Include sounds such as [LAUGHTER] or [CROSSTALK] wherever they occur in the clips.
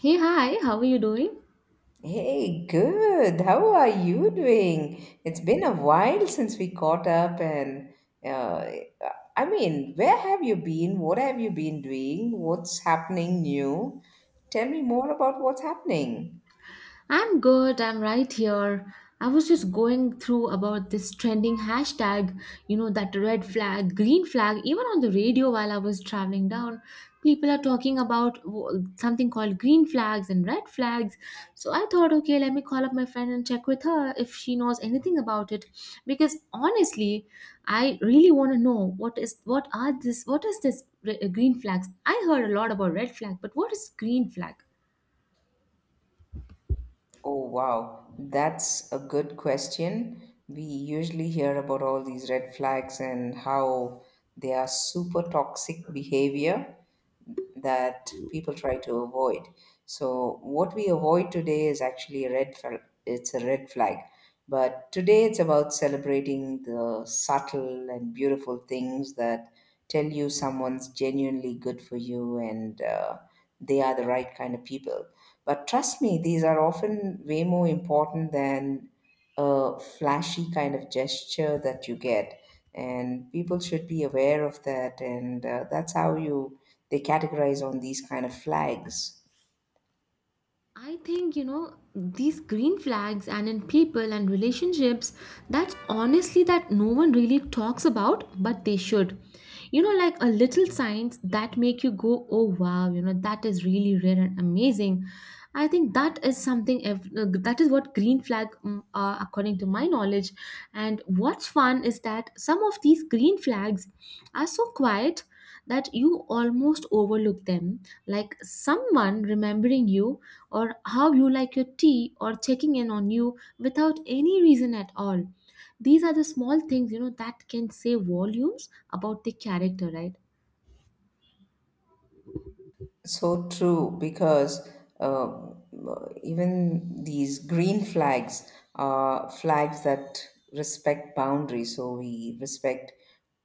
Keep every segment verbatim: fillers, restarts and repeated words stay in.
Hey, hi, how are you doing? Hey, good. How are you doing? It's been a while since we caught up, and uh, I mean, where have you been? What have you been doing? What's happening new? Tell me more about what's happening. I'm good, I'm right here. I was just going through about this trending hashtag, you know, that red flag, green flag, even on the radio while I was traveling down. People are talking about w- something called green flags and red flags. So I thought, okay, let me call up my friend and check with her if she knows anything about it. Because honestly, I really want to know what is what are this what is this re- uh, green flags? I heard a lot about red flag, but what is green flag? Oh, wow. That's a good question. We usually hear about all these red flags and how they are super toxic behavior that people try to avoid. So what we avoid today is actually a red flag. It's a red flag. But today it's about celebrating the subtle and beautiful things that tell you someone's genuinely good for you, and uh, they are the right kind of people. But trust me, these are often way more important than a flashy kind of gesture that you get, and people should be aware of that. And uh, that's how you they categorize on these kind of flags. I think, you know, these green flags and in people and relationships, that's honestly that no one really talks about, but they should. You know, like a little signs that make you go, oh wow, you know, that is really rare and amazing. I think that is something, ev- uh, that is what green flag mm, are according to my knowledge. And what's fun is that some of these green flags are so quiet that you almost overlook them, like someone remembering you or how you like your tea or checking in on you without any reason at all. These are the small things, you know, that can say volumes about the character, right? So true, because uh, even these green flags are flags that respect boundaries. So we respect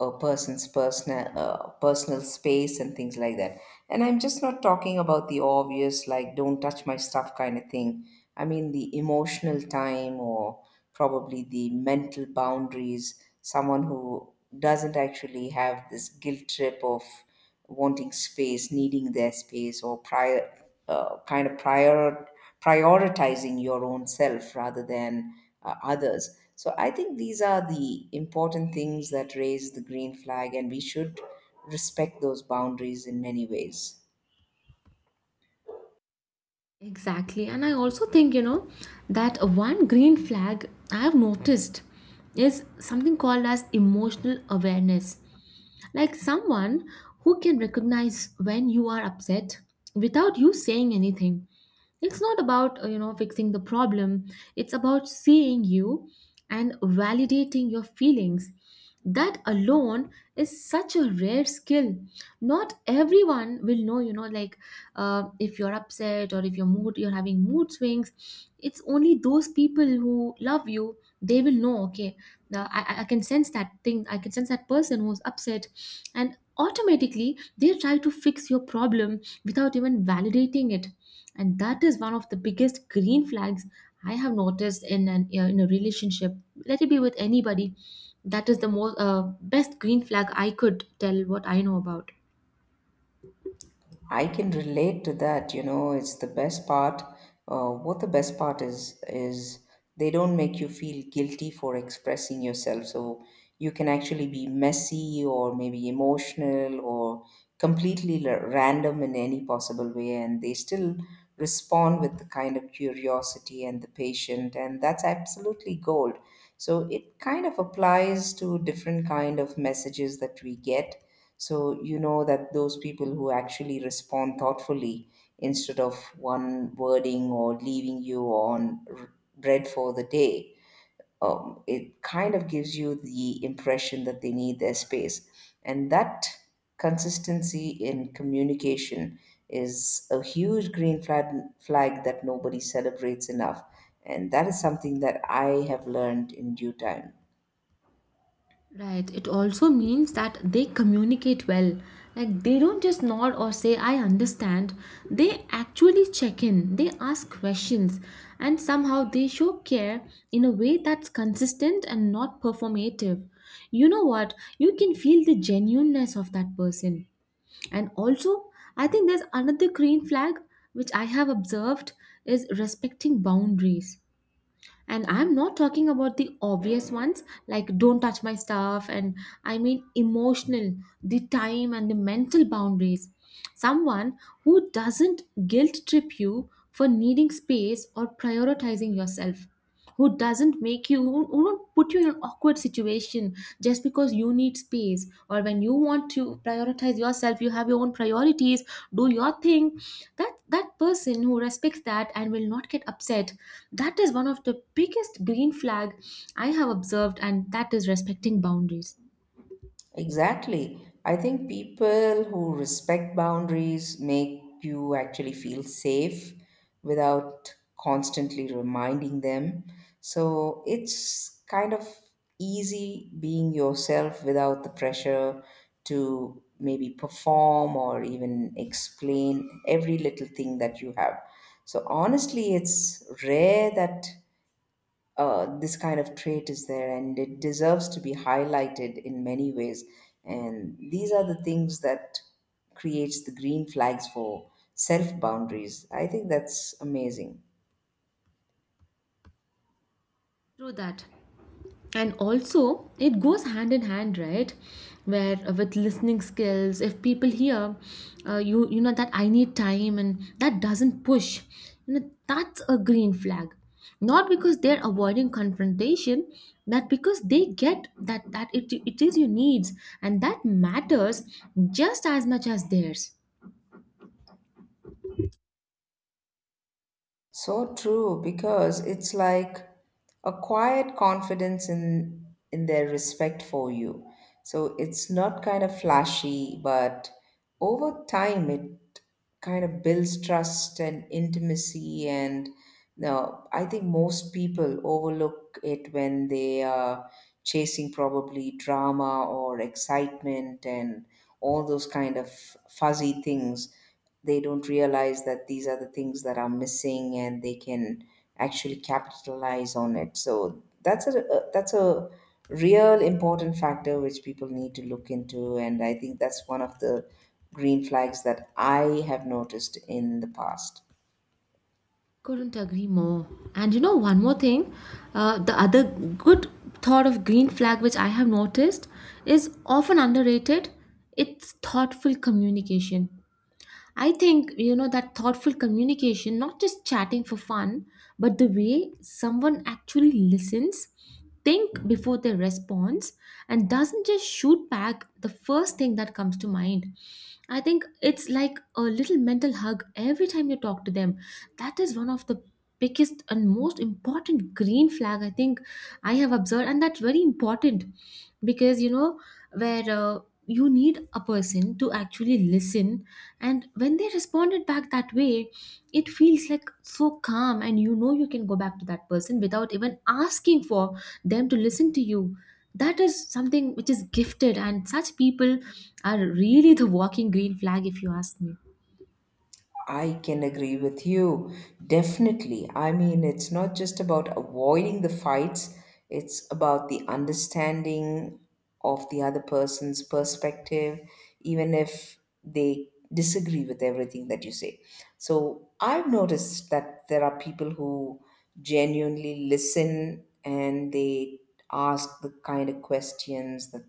a person's personal uh, personal space and things like that. And I'm just not talking about the obvious, like don't touch my stuff kind of thing. I mean the emotional time, or probably the mental boundaries. Someone who doesn't actually have this guilt trip of wanting space, needing their space, or prior, uh, kind of prior prioritizing your own self rather than uh, others. So I think these are the important things that raise the green flag, and we should respect those boundaries in many ways. Exactly. And I also think, you know, that one green flag I have noticed is something called as emotional awareness. Like someone who can recognize when you are upset without you saying anything. It's not about uh, you know, fixing the problem. It's about seeing you and validating your feelings. That alone is such a rare skill. Not everyone will know, you know, like, uh, if you're upset or if your mood you're having mood swings, it's only those people who love you they will know. Okay, the, I, I can sense that thing. I can sense that person who's upset, and automatically they try to fix your problem without even validating it. And that is one of the biggest green flags I have noticed in an uh, in a relationship, let it be with anybody. That is the most uh, best green flag I could tell what I know about. I can relate to that. You know, it's the best part. Uh, what the best part is is they don't make you feel guilty for expressing yourself. So you can actually be messy, or maybe emotional, or completely la- random in any possible way, and they still respond with the kind of curiosity and the patient, and that's absolutely gold. So it kind of applies to different kind of messages that we get. So you know that those people who actually respond thoughtfully, instead of one wording or leaving you on r- bread for the day, um, it kind of gives you the impression that they need their space. And that consistency in communication is a huge green flag, flag that nobody celebrates enough. And that is something that I have learned in due time. Right. It also means that they communicate well. Like they don't just nod or say, I understand. They actually check in, they ask questions, and somehow they show care in a way that's consistent and not performative. You know what? You can feel the genuineness of that person. And also, I think there's another green flag which I have observed is respecting boundaries. And I'm not talking about the obvious ones, like don't touch my stuff. And I mean emotional, the time and the mental boundaries. Someone who doesn't guilt trip you for needing space or prioritizing yourself, who doesn't make you who, who don't put you in an awkward situation just because you need space, or when you want to prioritize yourself you have your own priorities, do your thing. That that person who respects that and will not get upset, that is one of the biggest green flag I have observed, and that is respecting boundaries. Exactly. I think people who respect boundaries make you actually feel safe without constantly reminding them. So it's kind of easy being yourself without the pressure to maybe perform or even explain every little thing that you have. So honestly, it's rare that uh, this kind of trait is there, and it deserves to be highlighted in many ways. And these are the things that creates the green flags for self boundaries. I think that's amazing. Through that. And also it goes hand in hand, right, where uh, with listening skills, if people hear, uh, you, you know that I need time and that doesn't push, you know, that's a green flag. Not because they're avoiding confrontation, but because they get that that it, it is your needs, and that matters just as much as theirs. So true, because it's like a quiet confidence in in their respect for you. So it's not kind of flashy, but over time it kind of builds trust and intimacy. And no, I think most people overlook it when they are chasing probably drama or excitement and all those kind of fuzzy things. They don't realize that these are the things that are missing, and they can actually capitalize on it. So that's a a- that's a real important factor which people need to look into, and I think that's one of the green flags that I have noticed in the past. Couldn't agree more. And you know, one more thing, uh, the other good thought of green flag which I have noticed is often underrated. It's thoughtful communication. I think, you know, that thoughtful communication, not just chatting for fun, but the way someone actually listens, think before they respond, and doesn't just shoot back the first thing that comes to mind. I think it's like a little mental hug every time you talk to them. That is one of the biggest and most important green flag I think I have observed, and that's very important because you know where, uh, you need a person to actually listen, and when they responded back that way, it feels like so calm, and you know you can go back to that person without even asking for them to listen to you. That is something which is gifted, and such people are really the walking green flag, if you ask me. I can agree with you. Definitely. I mean, it's not just about avoiding the fights, it's about the understanding of the other person's perspective, even if they disagree with everything that you say. So I've noticed that there are people who genuinely listen, and they ask the kind of questions that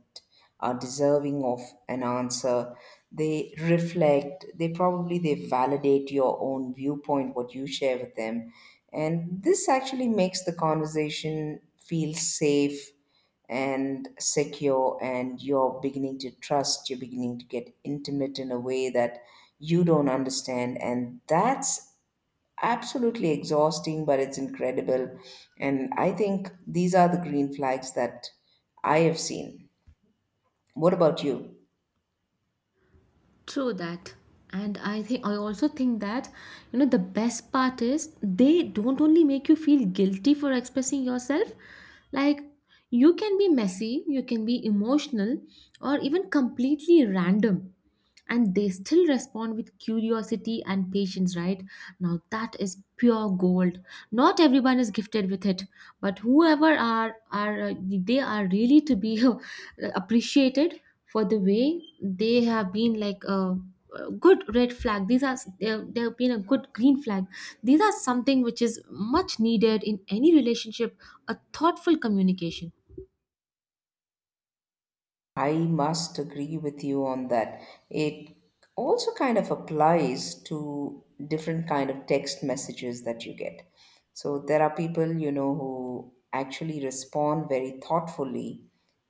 are deserving of an answer. They reflect, they probably they validate your own viewpoint, what you share with them, and this actually makes the conversation feel safe and secure. And you're beginning to trust, you're beginning to get intimate in a way that you don't understand, and that's absolutely exhausting, but it's incredible. And I think these are the green flags that I have seen. What about you? True that. And I think I also think that, you know, the best part is they don't only make you feel guilty for expressing yourself, like you can be messy, you can be emotional, or even completely random, and they still respond with curiosity and patience, right? Now that is pure gold. Not everyone is gifted with it, but whoever are are uh, they are really to be [LAUGHS] appreciated for the way they have been like a, a good red flag. These are, they they have been a good green flag. These are something which is much needed in any relationship, a thoughtful communication. I must agree with you on that. It also kind of applies to different kind of text messages that you get. So there are people, you know, who actually respond very thoughtfully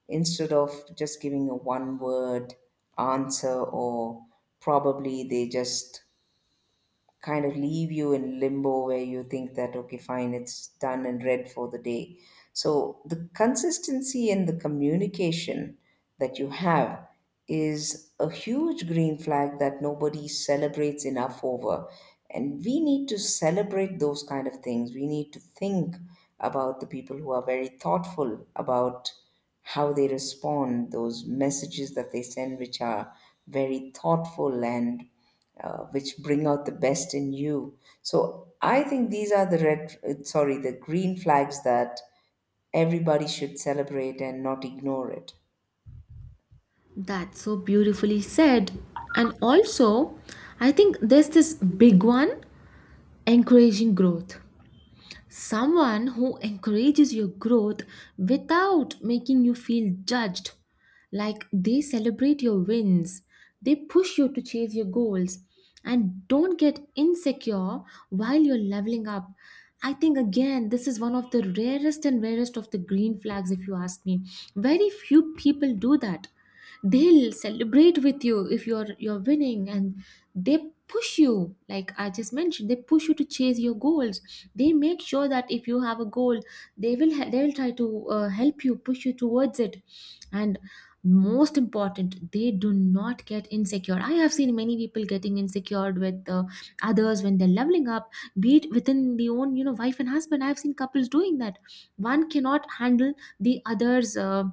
instead of just giving a one word answer, or probably they just kind of leave you in limbo where you think that okay fine it's done and read for the day. So the consistency in the communication that you have is a huge green flag that nobody celebrates enough over. And we need to celebrate those kind of things. We need to think about the people who are very thoughtful about how they respond those messages that they send, which are very thoughtful, and uh, which bring out the best in you. So I think these are the red, uh, sorry, the green flags that everybody should celebrate and not ignore it. That's so beautifully said. And also, I think there's this big one, encouraging growth. Someone who encourages your growth without making you feel judged. Like they celebrate your wins, they push you to chase your goals, and don't get insecure while you're leveling up. I think again, this is one of the rarest and rarest of the green flags, if you ask me. Very few people do that. They'll celebrate with you if you're you're winning, and they push you, like I just mentioned, they push you to chase your goals. They make sure that if you have a goal, they will he- they will try to uh, help you, push you towards it. And most important, they do not get insecure. I have seen many people getting insecure with, uh, others when they're leveling up, be it within the own, you know, wife and husband. I've seen couples doing that. One cannot handle the other's, uh,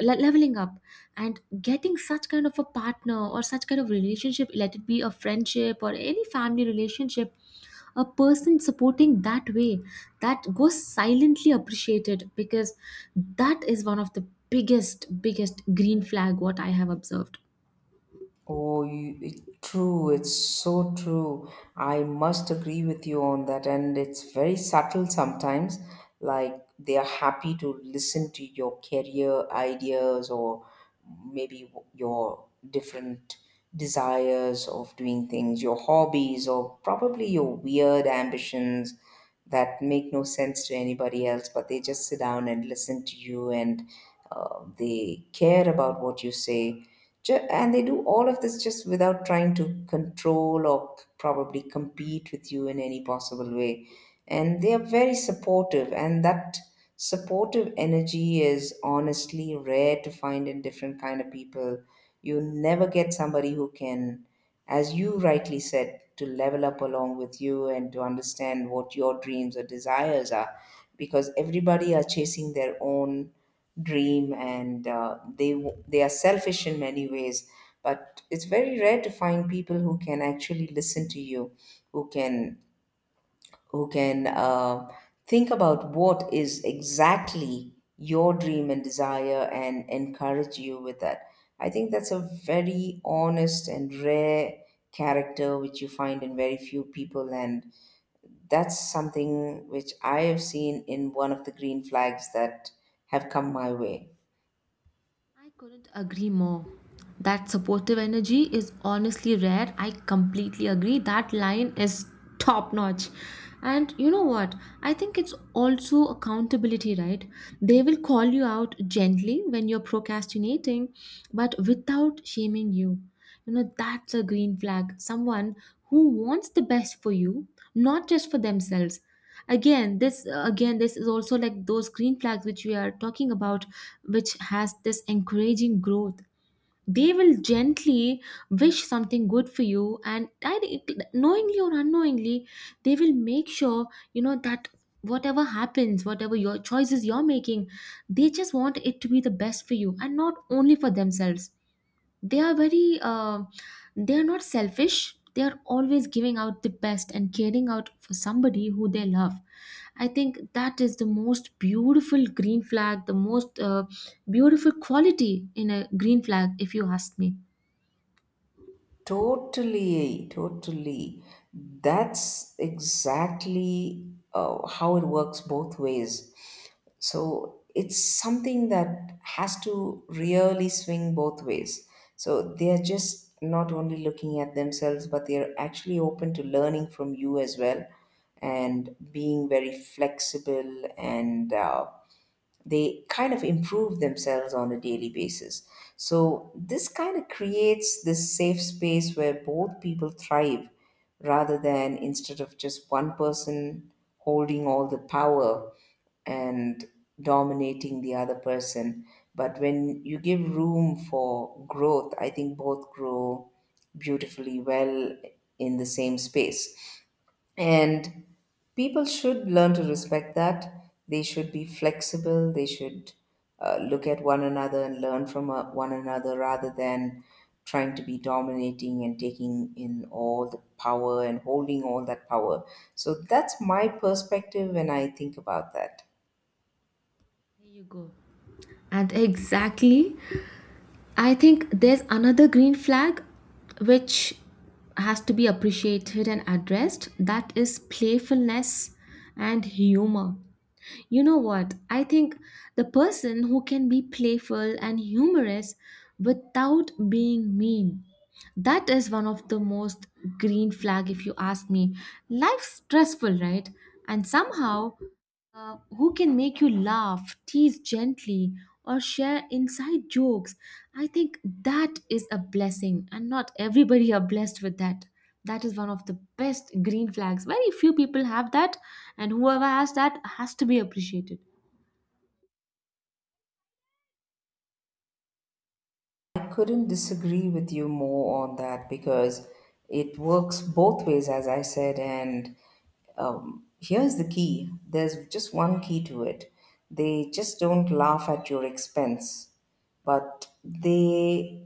le- leveling up. And getting such kind of a partner or such kind of relationship, let it be a friendship or any family relationship, a person supporting that way, that goes silently appreciated, because that is one of the biggest biggest green flag what I have observed. Oh, you, it, true. It's so true. I must agree with you on that. And it's very subtle sometimes. Like they are happy to listen to your career ideas, or maybe your different desires of doing things, your hobbies, or probably your weird ambitions that make no sense to anybody else, but they just sit down and listen to you, and uh, they care about what you say. Ju- And they do all of this just without trying to control or probably compete with you in any possible way. And they are very supportive, and that supportive energy is honestly rare to find in different kind of people. You never get somebody who can, as you rightly said, to level up along with you and to understand what your dreams or desires are, because everybody are chasing their own dream, and uh, they w- they are selfish in many ways. But it's very rare to find people who can actually listen to you, who can who can uh, think about what is exactly your dream and desire, and encourage you with that. I think that's a very honest and rare character which you find in very few people. And that's something which I have seen in one of the green flags that have come my way. I couldn't agree more. That supportive energy is honestly rare. I completely agree. That line is top notch. And you know what? I think it's also accountability, right? They will call you out gently when you're procrastinating, but without shaming you. You know, that's a green flag. Someone who wants the best for you, not just for themselves. Again, this again, this is also like those green flags which we are talking about, which has this encouraging growth. They will gently wish something good for you, and direct- knowingly or unknowingly, they will make sure you know that whatever happens, whatever your choices you're making, they just want it to be the best for you and not only for themselves. They are very, uh, they are not selfish. They are always giving out the best and caring out for somebody who they love. I think that is the most beautiful green flag, the most, uh, beautiful quality in a green flag, if you ask me. Totally, totally. That's exactly uh, how it works both ways. So it's something that has to really swing both ways. So they're just not only looking at themselves, but they're actually open to learning from you as well, and being very flexible, and uh, they kind of improve themselves on a daily basis. So this kind of creates this safe space where both people thrive rather than instead of just one person holding all the power and dominating the other person. But when you give room for growth, I think both grow beautifully well in the same space. And people should learn to respect that. They should be flexible. They should uh, look at one another and learn from uh, one another rather than trying to be dominating and taking in all the power and holding all that power. So that's my perspective when I think about that. There you go. And exactly, I think there's another green flag which has to be appreciated and addressed, that is playfulness and humor. You know what? I think the person who can be playful and humorous without being mean, that is one of the most green flag if you ask me. Life's stressful, right? And somehow, uh, who can make you laugh, tease gently, or share inside jokes. I think that is a blessing, and not everybody are blessed with that. That is one of the best green flags. Very few people have that, and whoever has that has to be appreciated. I couldn't disagree with you more on that, because it works both ways, as I said. And um, here's the key, there's just one key to it. They just don't laugh at your expense, but they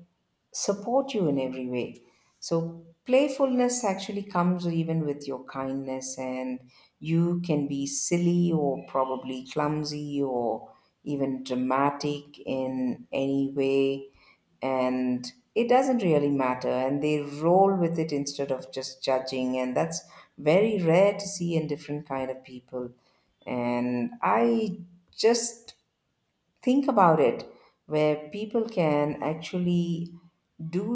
support you in every way. So playfulness actually comes even with your kindness, and you can be silly, or probably clumsy, or even dramatic in any way, and it doesn't really matter. And they roll with it instead of just judging, and that's very rare to see in different kind of people. And I just think about it, where people can actually do